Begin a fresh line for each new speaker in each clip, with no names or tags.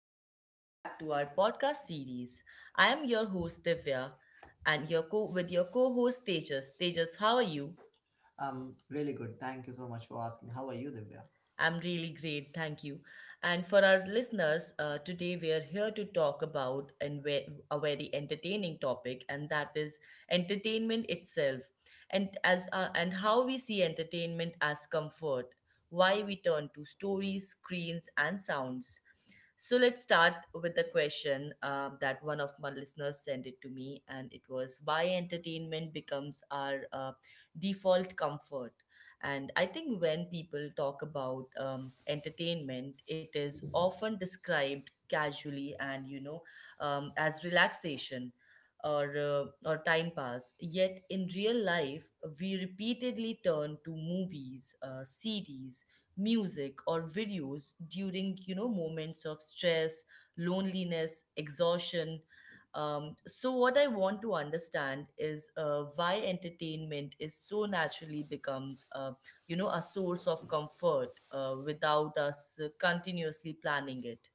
and welcome back to our podcast series. I am your host Divya, and your co- with your co-host Tejas. Tejas, how are you?
Really good. Thank you so much for asking. How are you, Divya?
I'm really great, thank you. And for our listeners, today we are here to talk about a very entertaining topic, and that is entertainment itself, and as and how we see entertainment as comfort, why we turn to stories, screens, and sounds. So let's start with the question that one of my listeners sent it to me, and it was why entertainment becomes our default comfort. And I think when people talk about entertainment, it is often described casually and as relaxation or time pass. Yet in real life, we repeatedly turn to movies, series, music, or videos during moments of stress, loneliness, exhaustion. So what I want to understand is why entertainment is so naturally becomes a source of comfort without us continuously planning it.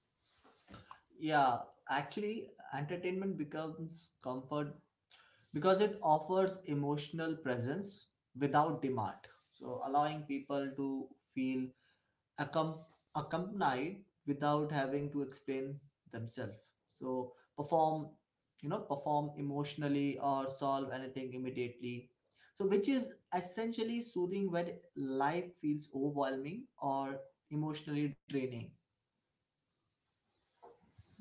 Yeah, actually, entertainment becomes comfort because it offers emotional presence without demand. So, allowing people to feel accom- accompanied without having to explain themselves, so perform, perform emotionally or solve anything immediately, so which is essentially soothing when life feels overwhelming or emotionally draining.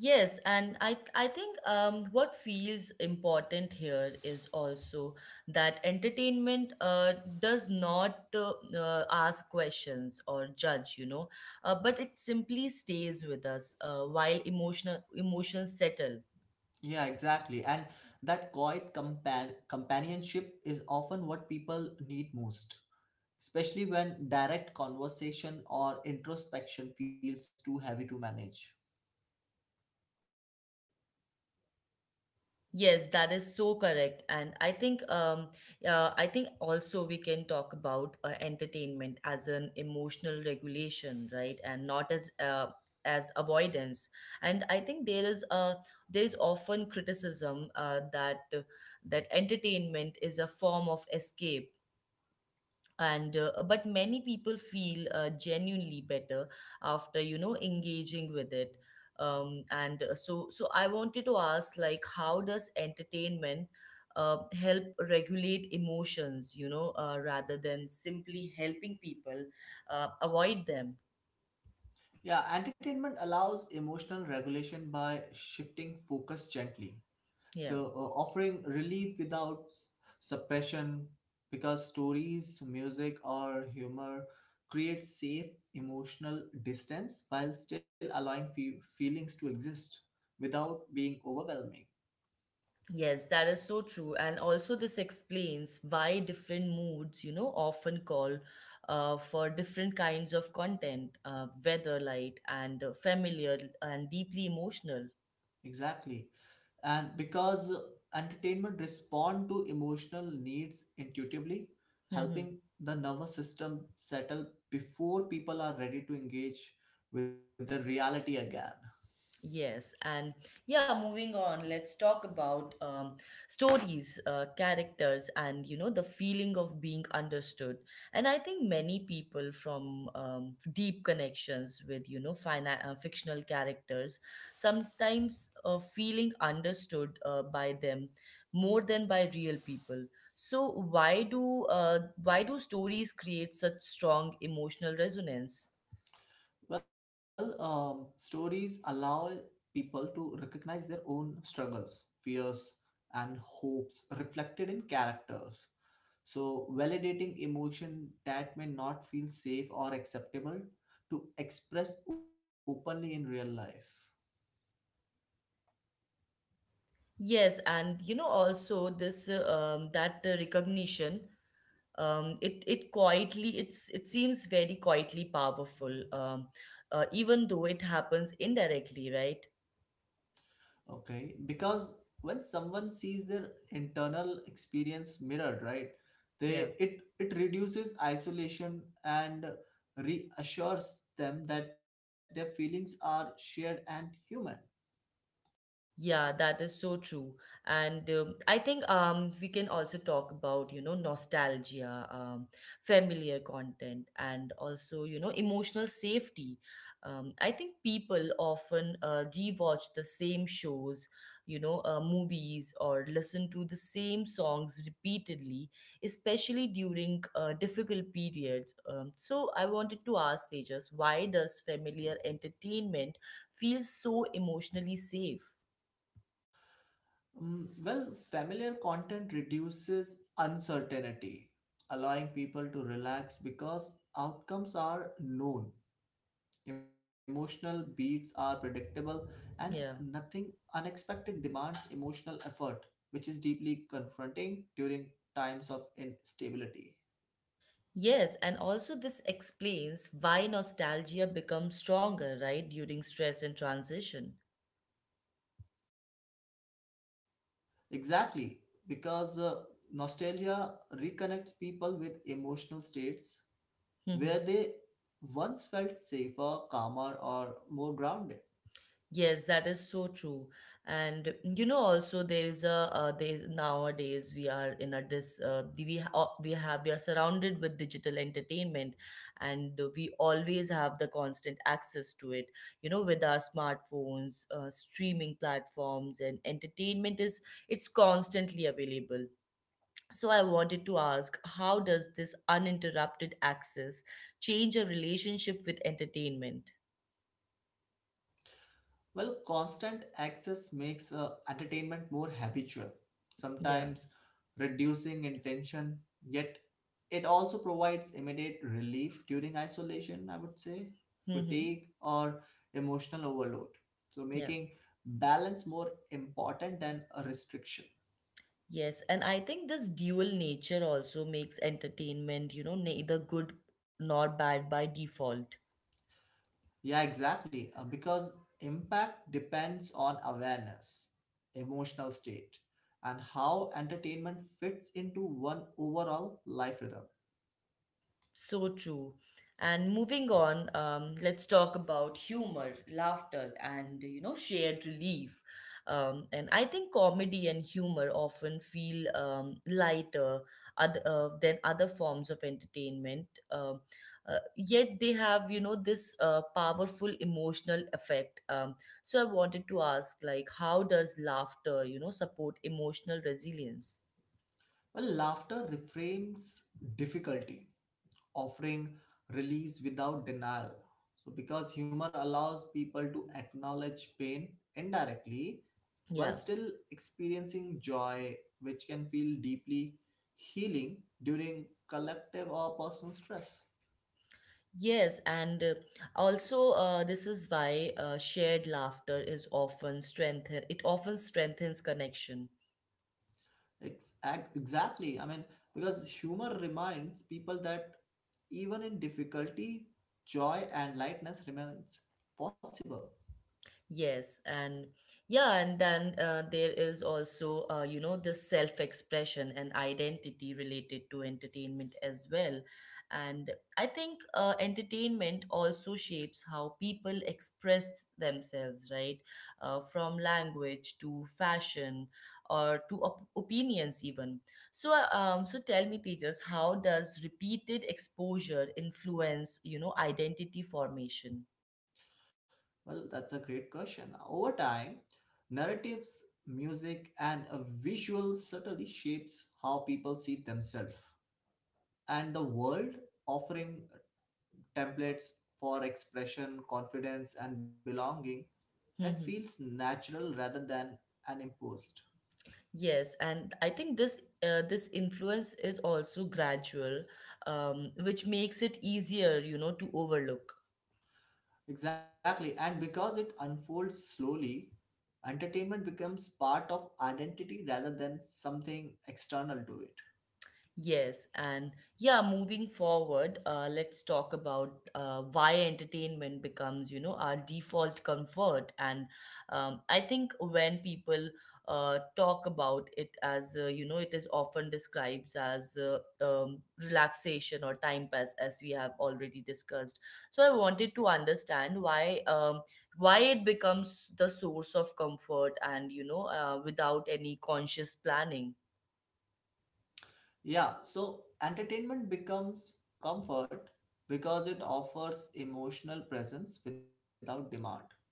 Yes, and I think what feels important here is also that entertainment does not ask questions or judge, you know, but it simply stays with us while emotional emotions settle.
Yeah, exactly. And that quiet companionship is often what people need most, especially when direct conversation or introspection feels too heavy to manage.
Yes, that is so correct. And I think also we can talk about entertainment as an emotional regulation, right? And not as avoidance. And I think there is often criticism that entertainment is a form of escape and but many people feel genuinely better after engaging with it. Um, and uh, so so I wanted to ask, like, how does entertainment help regulate emotions, rather than simply helping people avoid them?
Yeah, entertainment allows emotional regulation by shifting focus gently.
Yeah.
So, offering relief without suppression, because stories, music, or humor create safe emotional distance while still allowing feelings to exist without being overwhelming.
Yes, that is so true. And also, this explains why different moods, you know, often call for different kinds of content, whether light and familiar and deeply emotional.
Exactly. And because entertainment respond to emotional needs intuitively, helping the nervous system settle before people are ready to engage with the reality again.
Yes, and yeah, moving on, let's talk about stories, characters, and you know, the feeling of being understood. And I think many people from deep connections with you know, fictional characters sometimes feeling understood by them more than by real people. So, why do stories create such strong emotional resonance?
Well, stories allow people to recognize their own struggles, fears, and hopes reflected in characters, so validating emotion that may not feel safe or acceptable to express openly in real life.
Yes, and you know also this that recognition, it it quietly it seems very quietly powerful, even though it happens indirectly, right?
Okay, because when someone sees their internal experience mirrored, right,
Yeah.
they it it reduces isolation and reassures them that their feelings are shared and human.
Yeah, that is so true. And I think we can also talk about, you know, nostalgia, familiar content, and also, you know, emotional safety. I think people often rewatch the same shows, you know, movies, or listen to the same songs repeatedly, especially during difficult periods. So I wanted to ask Tejas, why does familiar entertainment feel so emotionally safe?
Mm, well, familiar content reduces uncertainty, allowing people to relax because outcomes are known. Emotional beats are predictable, and
Yeah.
nothing unexpected demands emotional effort, which is deeply confronting during times of instability.
Yes, and also this explains why nostalgia becomes stronger, right, during stress and transition.
Exactly, because nostalgia reconnects people with emotional states where
Mhm.
they once felt safer, calmer, or more grounded.
Yes, that is so true. And you know, also there is a They nowadays we are in a dis we ha- we have we are surrounded with digital entertainment, and we always have the constant access to it. You know, with our smartphones, streaming platforms, and entertainment is it's constantly available. So I wanted to ask, how does this uninterrupted access change your relationship with entertainment?
Well, constant access makes entertainment more habitual,
Yeah.
sometimes reducing intention, yet it also provides immediate relief during isolation, I would say,
Mm-hmm.
fatigue, or emotional overload. So,
Yeah.
making balance more important than a restriction.
Yes. And I think this dual nature also makes entertainment, you know, neither good nor bad by default.
Yeah, exactly, because impact depends on awareness, emotional state, and how entertainment fits into one overall life rhythm.
So true. And moving on, let's talk about humor, laughter, and shared relief. And I think comedy and humor often feel lighter than other forms of entertainment. Yet they have this powerful emotional effect. So I wanted to ask, like, how does laughter support emotional resilience?
Well, laughter reframes difficulty, offering release without denial. So, because humor allows people to acknowledge pain indirectly while
Yeah.
still experiencing joy, which can feel deeply healing during collective or personal stress.
Yes, and also this is why shared laughter is often strengthen it often strengthens connection.
Exactly. I mean, because humor reminds people that even in difficulty, joy and lightness remains possible.
Yes, and yeah, and then there is also, you know, the self-expression and identity related to entertainment as well. And I think entertainment also shapes how people express themselves, right? From language to fashion or to opinions even. So, so tell me, Tejas, how does repeated exposure influence, you know, identity formation?
Well, that's a great question. Over time, narratives, music, and a visual subtly shapes how people see themselves and the world, offering templates for expression, confidence, and belonging that feels natural rather than an imposed.
Yes, and I think this influence is also gradual, which makes it easier, you know, to overlook.
Exactly, and because it unfolds slowly, entertainment becomes part of identity rather than something external to it.
Yes, and yeah, moving forward, let's talk about why entertainment becomes, you know, our default comfort. And I think when people talk about it as, you know, it is often described as relaxation or time pass, as we have already discussed. So I wanted to understand why it becomes the source of comfort and, you know, without any conscious planning.
Yeah, so entertainment becomes comfort because it offers emotional presence without demand,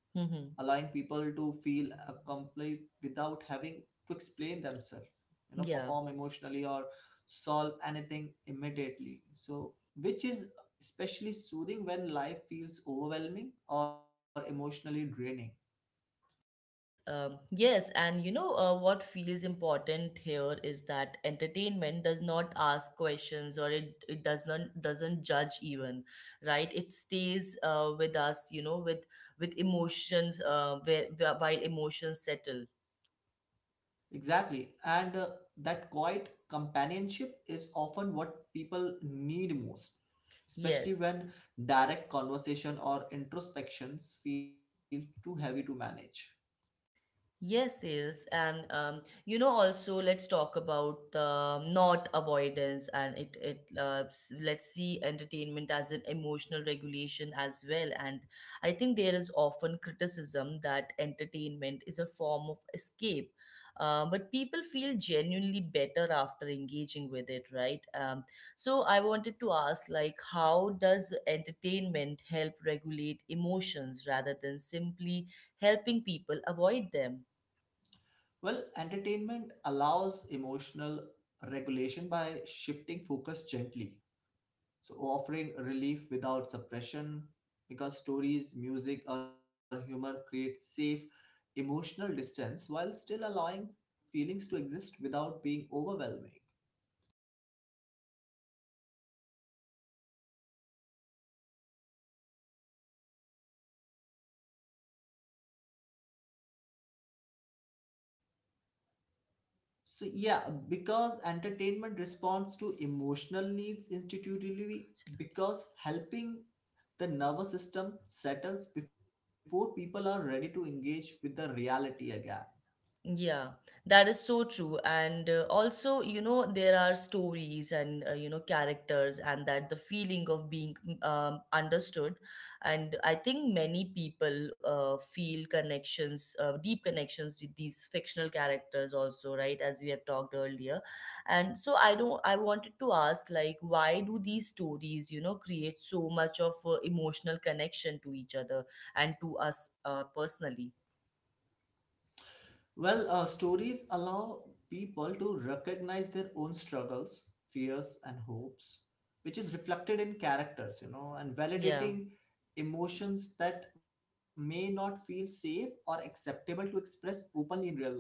allowing
Mm-hmm.
people to feel accomplished without having to explain themselves, you know,
Yeah.
perform emotionally or solve anything immediately. So, which is especially soothing when life feels overwhelming or emotionally draining.
Yes, and what feels important here is that entertainment does not ask questions or it doesn't judge even, right? It stays with us, you know, with emotions while emotions settle.
Exactly. And that quiet companionship is often what people need most, especially
Yes.
when direct conversation or introspections feel too heavy to manage.
Yes, yes, and you know, also let's talk about the not avoidance and let's see entertainment as an emotional regulation as well. And I think there is often criticism that entertainment is a form of escape, but people feel genuinely better after engaging with it, right? So I wanted to ask, like, how does entertainment help regulate emotions rather than simply helping people avoid them?
Well, entertainment allows emotional regulation by shifting focus gently, so offering relief without suppression, because stories, music, or humor create safe emotional distance while still allowing feelings to exist without being overwhelming. So yeah, because entertainment responds to emotional needs intuitively,
Anklage.
because helping the nervous system settles before people are ready to engage with the reality again.
Yeah, that is so true. And also, you know, there are stories and, you know, characters, and that the feeling of being understood. And I think many people feel connections, deep connections with these fictional characters, also, right? As we have talked earlier. And so I don't, I wanted to ask, like, why do these stories, you know, create so much of emotional connection to each other and to us personally?
Well, stories allow people to recognize their own struggles, fears, and hopes, which is reflected in characters, you know, and
Yeah.
validating emotions that may not feel safe or acceptable to express openly in real life.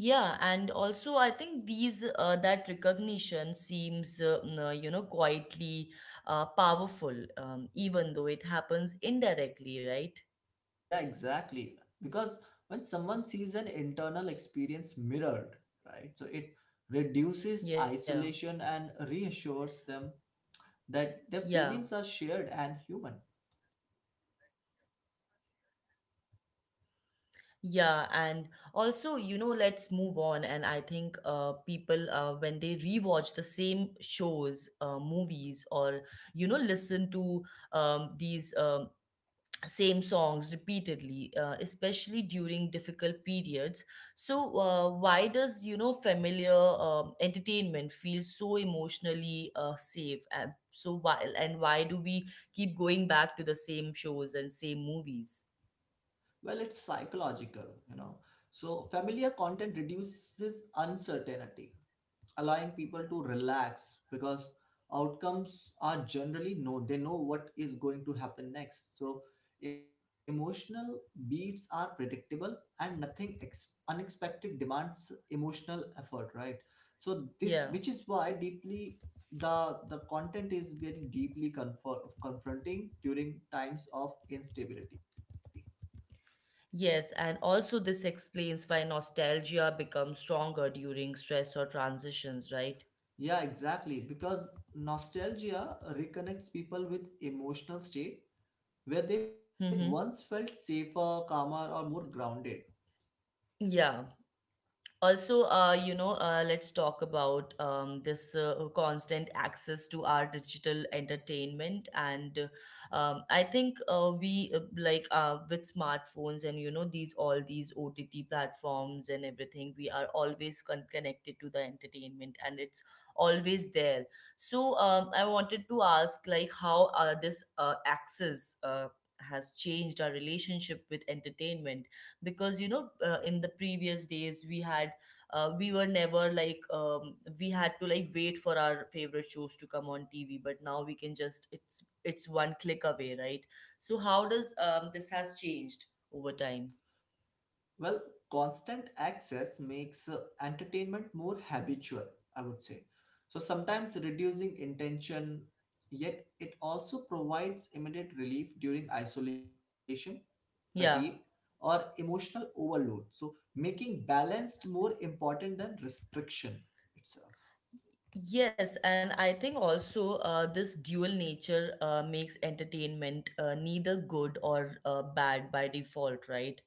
Yeah, and also I think these that recognition seems you know, quietly powerful, even though it happens indirectly, right?
Yeah, exactly. Because when someone sees an internal experience mirrored, right, so it
Yeah,
reduces isolation and reassures them
yeah,
that their feelings are shared and human.
yeah, and also you know, let's move on, and I think people when they rewatch the same shows, movies, or you know, listen to these same songs repeatedly, especially during difficult periods. So why does you know familiar entertainment feel so emotionally safe, and so why and why do we keep going back to the same shows and same movies?
Well, it's psychological, you know. So, familiar content reduces uncertainty, allowing people to relax because outcomes are generally known. They know what is going to happen next, so emotional beats are predictable and nothing unexpected demands emotional effort, right? So this, which
Yeah,
is why deeply, the content is very deeply confronting during times of instability.
yes, and also this explains why nostalgia becomes stronger during stress or transitions, right?
Yeah, exactly, because nostalgia reconnects people with emotional state where they once
Mm-hmm.
felt safer, calmer, or more grounded.
Yeah, also let's talk about this constant access to our digital entertainment. And I think we like with smartphones and you know, these ott platforms and everything, we are always connected to the entertainment and it's always there. So I wanted to ask, like, how this access has changed our relationship with entertainment, because you know, in the previous days we were never like, we had to like wait for our favorite shows to come on tv, but now we can just, it's one click away, right? So how does this has changed over time?
Well, constant access makes entertainment more habitual, I would say. So sometimes reducing intention, yet it also provides immediate relief during isolation, fatigue,
Yeah.
or emotional overload. So making balanced more important than restriction itself.
Yes, and I think also this dual nature makes entertainment neither good or bad by default, right?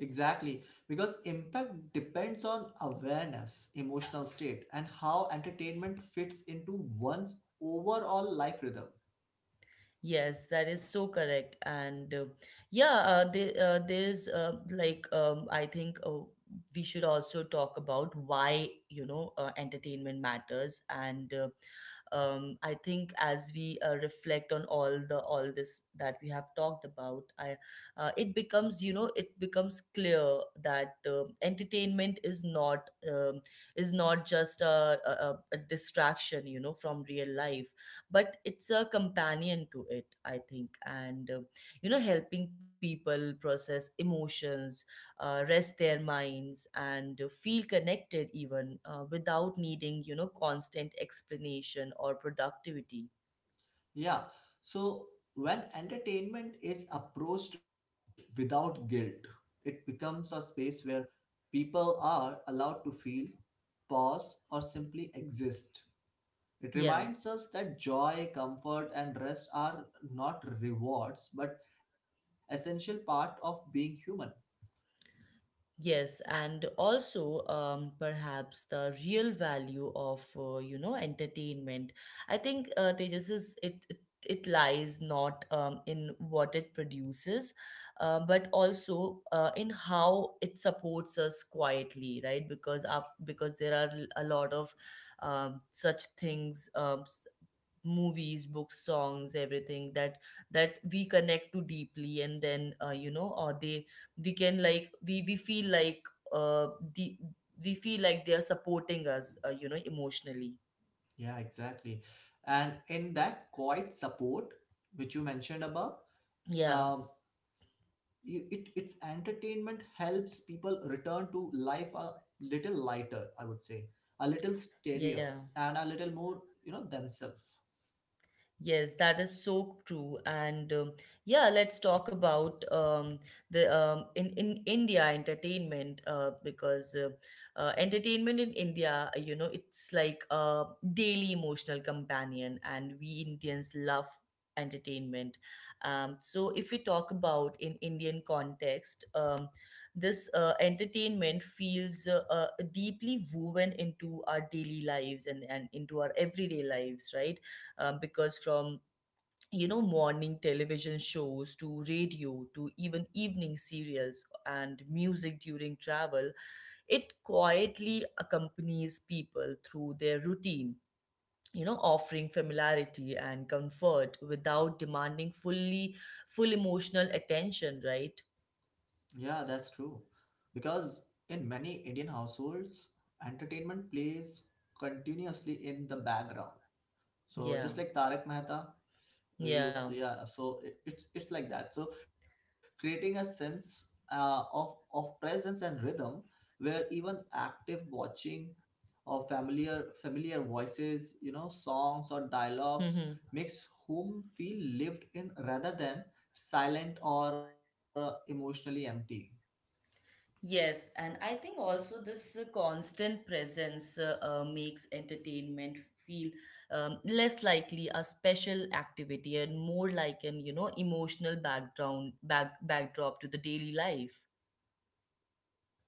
Exactly, because impact depends on awareness, emotional state, and how entertainment fits into one's overall life rhythm.
Yes, that is so correct. And yeah, there is I think we should also talk about why you know entertainment matters. And I think as we reflect on all this that we have talked about, I it becomes you know, it becomes clear that entertainment is not just a distraction, you know, from real life, but it's a companion to it. I think, and you know, helping people process emotions, rest their minds, and feel connected even without needing, you know, constant explanation or productivity.
Yeah, so when entertainment is approached without guilt, it becomes a space where people are allowed to feel, pause, or simply exist. It
Yeah.
reminds us that joy, comfort, and rest are not rewards but essential part of being human.
Yes, and also perhaps the real value of you know entertainment, I think Tejas, is it it lies not in what it produces, but also in how it supports us quietly, right? Because there are a lot of such things. Movies, books, songs, everything that we connect to deeply, and then you know, or they we can like, we feel like, uh the we feel like they are supporting us you know, emotionally.
Yeah, exactly. And in that quiet support, which you mentioned above,
Yeah,
um, its entertainment helps people return to life a little lighter, I would say, a little steadier,
yeah.
and a little more, you know, themselves.
Yes, that is so true. And Yeah, let's talk about the in India entertainment because entertainment in India, it's like a daily emotional companion, and we Indians love entertainment. So if we talk about in Indian context, this entertainment feels deeply woven into our daily lives and into our everyday lives, right? Because from you know, morning television shows to radio to even evening serials and music during travel, it quietly accompanies people through their routine, you know, offering familiarity and comfort without demanding full emotional attention, right?
Yeah, that's true. Because in many Indian households, entertainment plays continuously in the background. So
Yeah,
just like Tarak Mehta, you,
yeah.
yeah, so it's like that, so creating a sense of presence and rhythm where even active watching or familiar voices, you know, songs or dialogues makes whom feel lived in rather than silent or emotionally empty.
Yes, and I think also this constant presence makes entertainment feel less likely a special activity and more like an, you know, emotional background back backdrop to the daily life.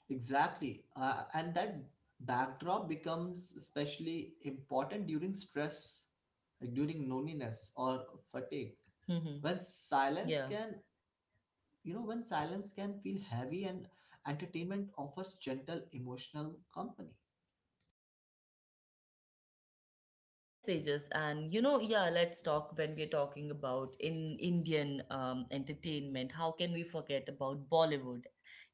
Exactly, and that backdrop becomes especially important during stress, like during loneliness or fatigue,
Hmm.
when silence
Yeah.
can, you know, when silence can feel heavy and entertainment offers gentle emotional company.
Yes, Tejas, and you know, yeah, let's talk when we're talking about in Indian entertainment. How can we forget about Bollywood,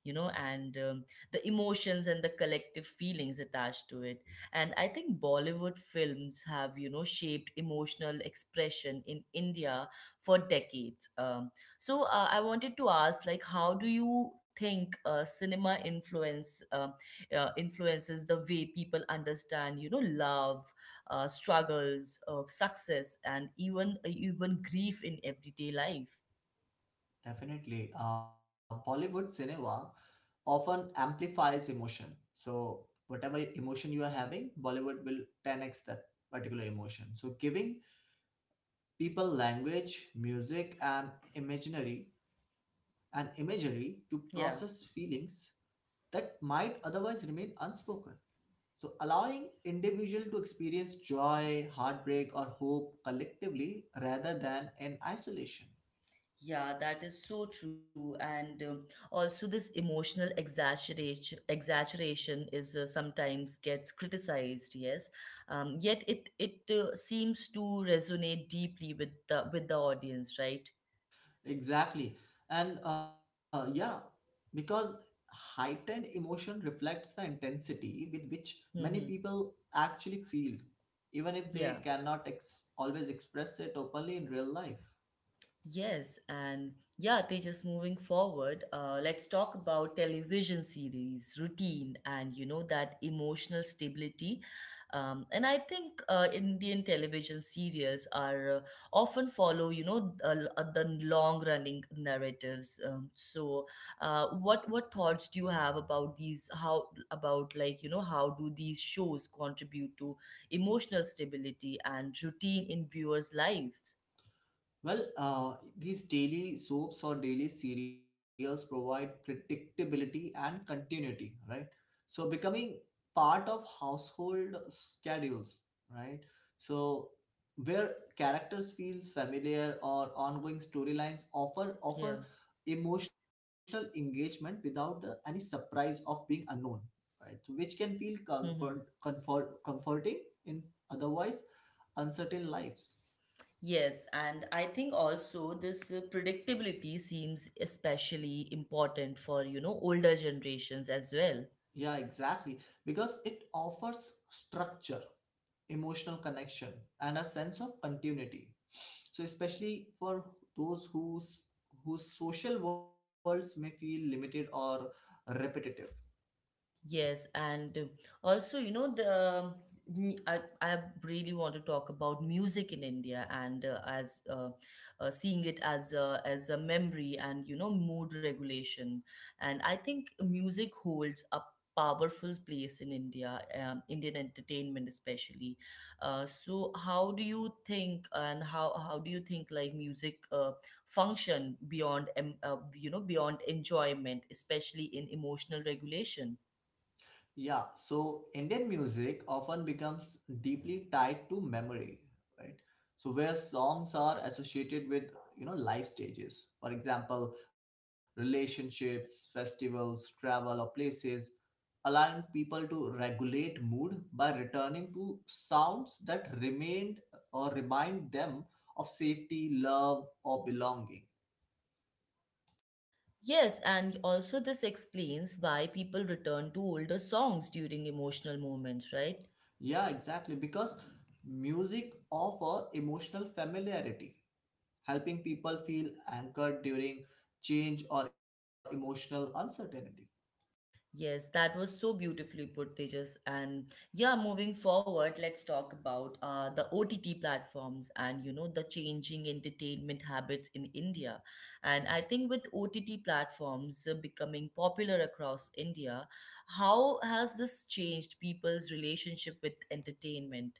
you know, and the emotions and the collective feelings attached to it? And I think Bollywood films have, you know, shaped emotional expression in India for decades. I wanted to ask, like, how do you think cinema influence influences the way people understand, you know, love, struggles, success, and even grief in everyday life.
Definitely, bollywood cinema often amplifies emotion. So whatever emotion you are having, bollywood will 10x that particular emotion, so giving people language, music, and imaginary and imagery to process
Yeah.
feelings that might otherwise remain unspoken. So, allowing individual to experience joy, heartbreak, or hope collectively rather than in isolation.
Yeah, that is so true. And Also, this emotional exaggeration is sometimes gets criticized. Yes, yet it seems to resonate deeply with the audience, right?
Exactly, and yeah, because heightened emotion reflects the intensity with which many
Mm-hmm.
people actually feel, even if they
Yeah.
cannot always express it openly in real life.
Yes, and yeah, Tejas, moving forward, let's talk about television series, routine, and you know, that emotional stability. And I think Indian television serials are often follow, you know, the long running narratives. So what thoughts do you have about these? How about like you know, how do these shows contribute to emotional stability and routine in viewers' lives?
Well, these daily soaps or daily serials provide predictability and continuity, right? So becoming part of household schedules, right? So where characters feels familiar or ongoing storylines offer
Yeah.
offer emotional engagement without the, any surprise of being unknown, right? So, which can feel
Mm-hmm.
comforting in otherwise uncertain lives.
Yes, and I think also this predictability seems especially important for, you know, older generations as well.
Yeah, exactly. Because it offers structure, emotional connection, and a sense of continuity. So, especially for those whose social worlds may feel limited or repetitive.
Yes, and also, you know, I really want to talk about music in India and as seeing it as a memory and you know mood regulation. And I think music holds a powerful place in India, Indian entertainment especially. So how do you think and how do you think like music function you know beyond enjoyment, especially in emotional regulation?
Yeah, so Indian music often becomes deeply tied to memory, right? So where songs are associated with, you know, life stages. For example, relationships, festivals, travel, or places, allowing people to regulate mood by returning to sounds that remained or remind them of safety, love, or belonging.
Yes, and also this explains why people return to older songs during emotional moments, right?
Yeah, exactly. Because music offer emotional familiarity, helping people feel anchored during change or emotional uncertainty.
Yes, that was so beautifully put, Tejas. And yeah, moving forward, let's talk about the OTT platforms and you know the changing entertainment habits in India. And I think with OTT platforms becoming popular across India, how has this changed people's relationship with entertainment?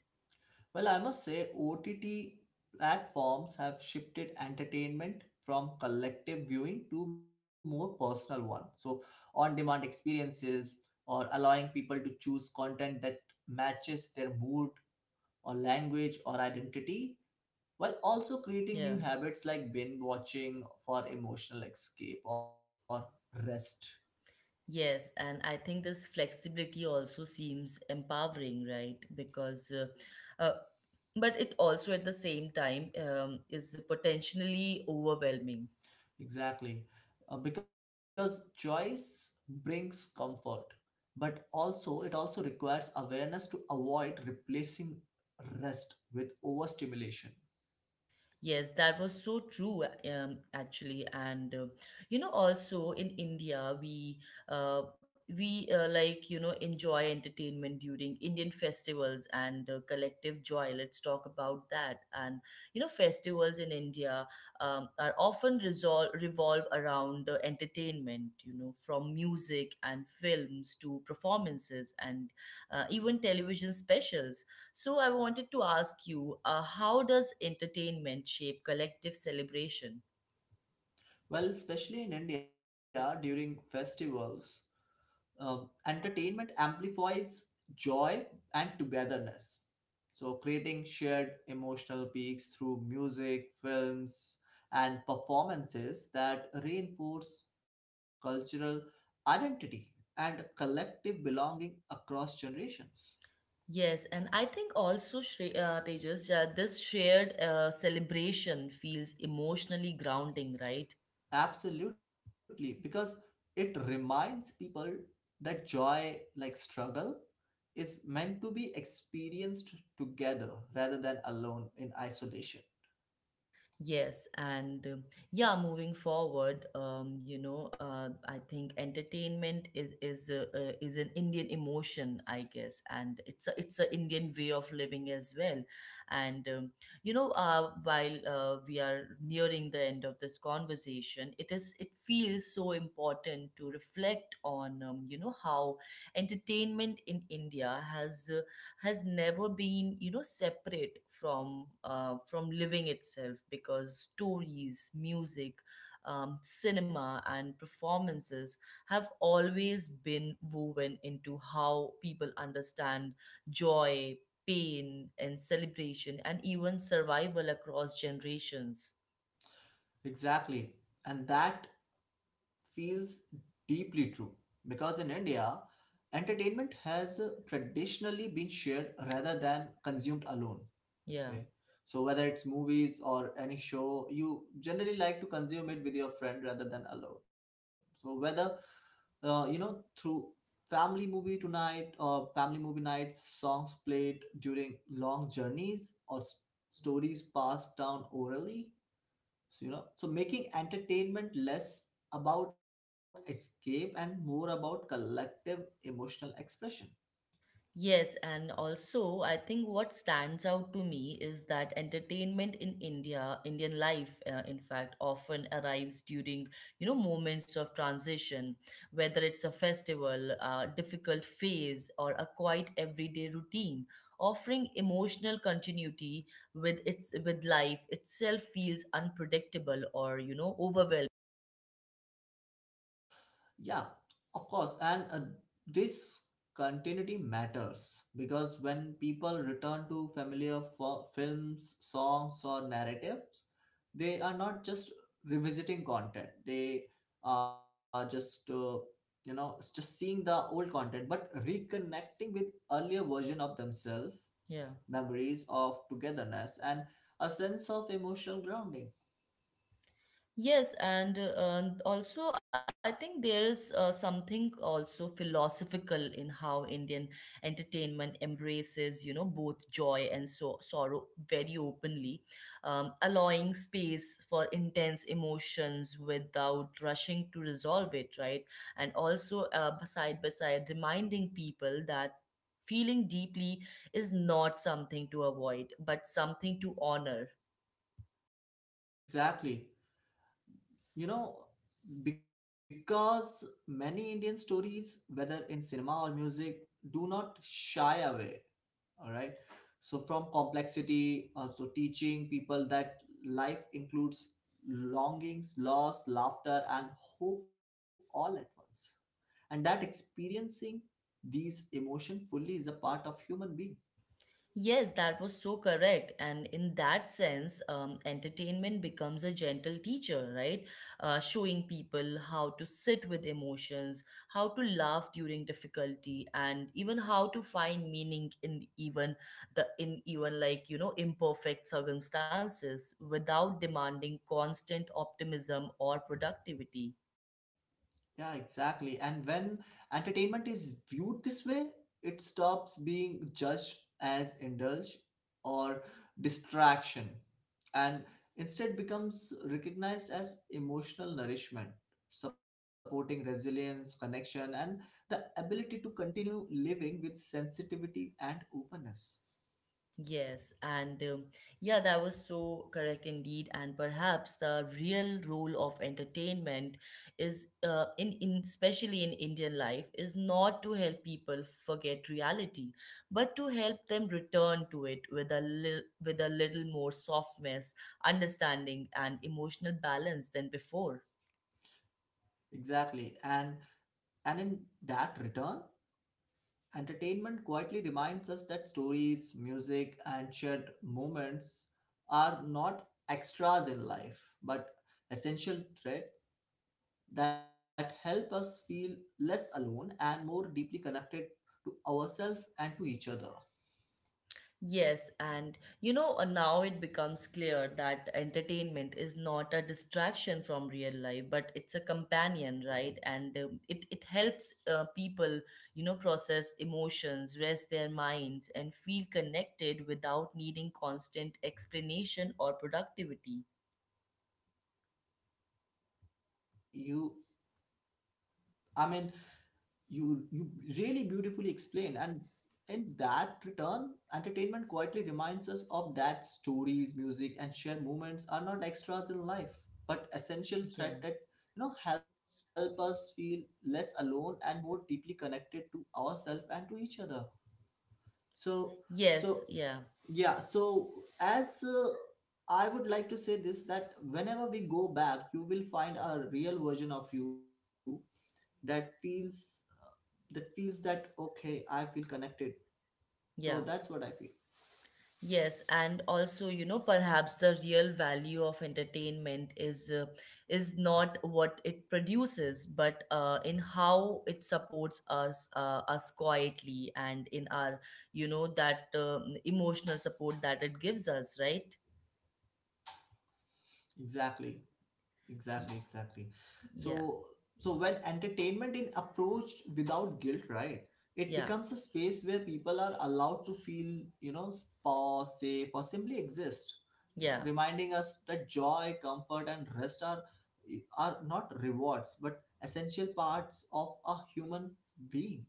Well, I must say, OTT platforms have shifted entertainment from collective viewing to more personal one. So, on-demand experiences or allowing people to choose content that matches their mood or language or identity, while also creating
Yeah.
new habits like binge watching for emotional escape or rest.
Yes, and I think this flexibility also seems empowering, right? Uh, but it also at the same time is potentially overwhelming.
Exactly. Because choice brings comfort, but also it also requires awareness to avoid replacing rest with overstimulation.
Yes, that was so true, actually, and you know, also in India, we like you know enjoy entertainment during Indian festivals and collective joy. Let's talk about that. And you know, festivals in India are often resolve revolve around entertainment. You know, from music and films to performances and even television specials. So I wanted to ask you, how does entertainment shape collective celebration?
Well, especially in india during festivals, entertainment amplifies joy and togetherness, so creating shared emotional peaks through music, films, and performances that reinforce cultural identity and collective belonging across generations.
Yes, and I think also, Tejas, this shared celebration feels emotionally grounding, right?
Absolutely, because it reminds people that joy, like struggle, is meant to be experienced together rather than alone in isolation.
Yes, and yeah, moving forward, I think entertainment is an Indian emotion, I guess, and it's a Indian way of living as well. And you know, while we are nearing the end of this conversation, it feels so important to reflect on you know how entertainment in India has never been you know separate from living itself, because stories, music, cinema, and performances have always been woven into how people understand joy, pain, and celebration, and even survival across generations.
Exactly. And that feels deeply true because in India, entertainment has traditionally been shared rather than consumed alone.
Yeah.
Okay. So whether it's movies or any show, you generally like to consume it with your friend rather than alone. So whether you know, through family movie tonight or family movie nights, songs played during long journeys or stories passed down orally. So you know, so making entertainment less about escape and more about collective emotional expression.
Yes, and also I think what stands out to me is that entertainment in India, Indian life, in fact, often arrives during you know moments of transition, whether it's a festival, a difficult phase, or a quiet everyday routine. Offering emotional continuity with life itself feels unpredictable or you know overwhelming.
Yeah, of course. And this continuity matters because when people return to familiar films, songs, or narratives, they are not just revisiting content. They are just, you know, just seeing the old content, but reconnecting with earlier version of themselves,
Yeah.
memories of togetherness, and a sense of emotional grounding.
Yes, and also I think there is something also philosophical in how Indian entertainment embraces, you know, both joy and sorrow very openly, allowing space for intense emotions without rushing to resolve it, right? And also side by side reminding people that feeling deeply is not something to avoid, but something to honor.
Exactly. You know, because many Indian stories, whether in cinema or music, do not shy away, all right? So, from complexity, also teaching people that life includes longings, loss, laughter, and hope all at once. And that experiencing these emotions fully is a part of human being.
Yes, that was so correct. And in that sense, entertainment becomes a gentle teacher, right? Showing people how to sit with emotions, how to laugh during difficulty, and even how to find meaning in even the in even like you know imperfect circumstances without demanding constant optimism or productivity.
Yeah, exactly. And when entertainment is viewed this way, it stops being judged as indulge or distraction, and instead becomes recognized as emotional nourishment, supporting resilience, connection, and the ability to continue living with sensitivity and openness.
Yes, and yeah, that was so correct indeed. And perhaps the real role of entertainment is, in especially in Indian life, is not to help people forget reality, but to help them return to it with with a little more softness, understanding, and emotional balance than before.
Exactly. And in that return, entertainment quietly reminds us that stories, music, and shared moments are not extras in life, but essential threads that help us feel less alone and more deeply connected to ourselves and to each other.
Yes, and you know, now it becomes clear that entertainment is not a distraction from real life, but it's a companion, right? And it helps people, you know, process emotions, rest their minds, and feel connected without needing constant explanation or productivity.
Exactly. You, I mean, you really beautifully explain, and in that return entertainment quietly reminds us of that stories, music, and shared moments are not extras in life but essential thread
Yeah.
that, you know, help us feel less alone and more deeply connected to ourselves and to each other. So so
Yes, yeah,
yeah, so as I would like to say this, that whenever we go back you will find a real version of you that feels, that okay, I feel connected.
yeah.
So that's what I feel.
Yes, and also, you know, perhaps the real value of entertainment is not what it produces, but in how it supports us us quietly and in our, you know, that emotional support that it gives us, right?
exactly
Y-
exactly. So
Yeah,
when entertainment is approached without guilt, right, it
yeah,
becomes a space where people are allowed to feel, you know, pause, safe, or simply exist, you know,
yeah.
reminding us that joy, comfort, and rest are not rewards but essential parts of a human being.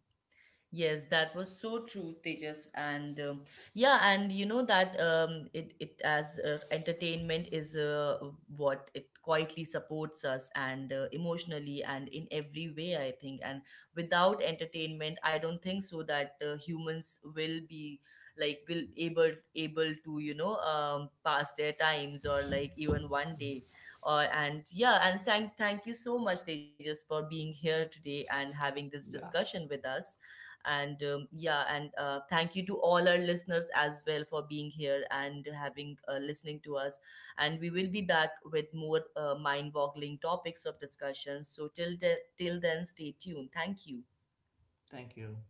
Yes, that was so true, Tejas. And Yeah, and you know that it it as entertainment is what it quietly supports us and emotionally and in every way, I think. And without entertainment, I don't think so that humans will be like will able to you know pass their times or like even one day. Or and Yeah, and thank you so much, Tejas, for being here today and having this
Yeah,
discussion with us. And yeah, and thank you to all our listeners as well for being here and having listening to us. And we will be back with more mind-boggling topics of discussion, so till then, stay tuned. Thank you.
thank you.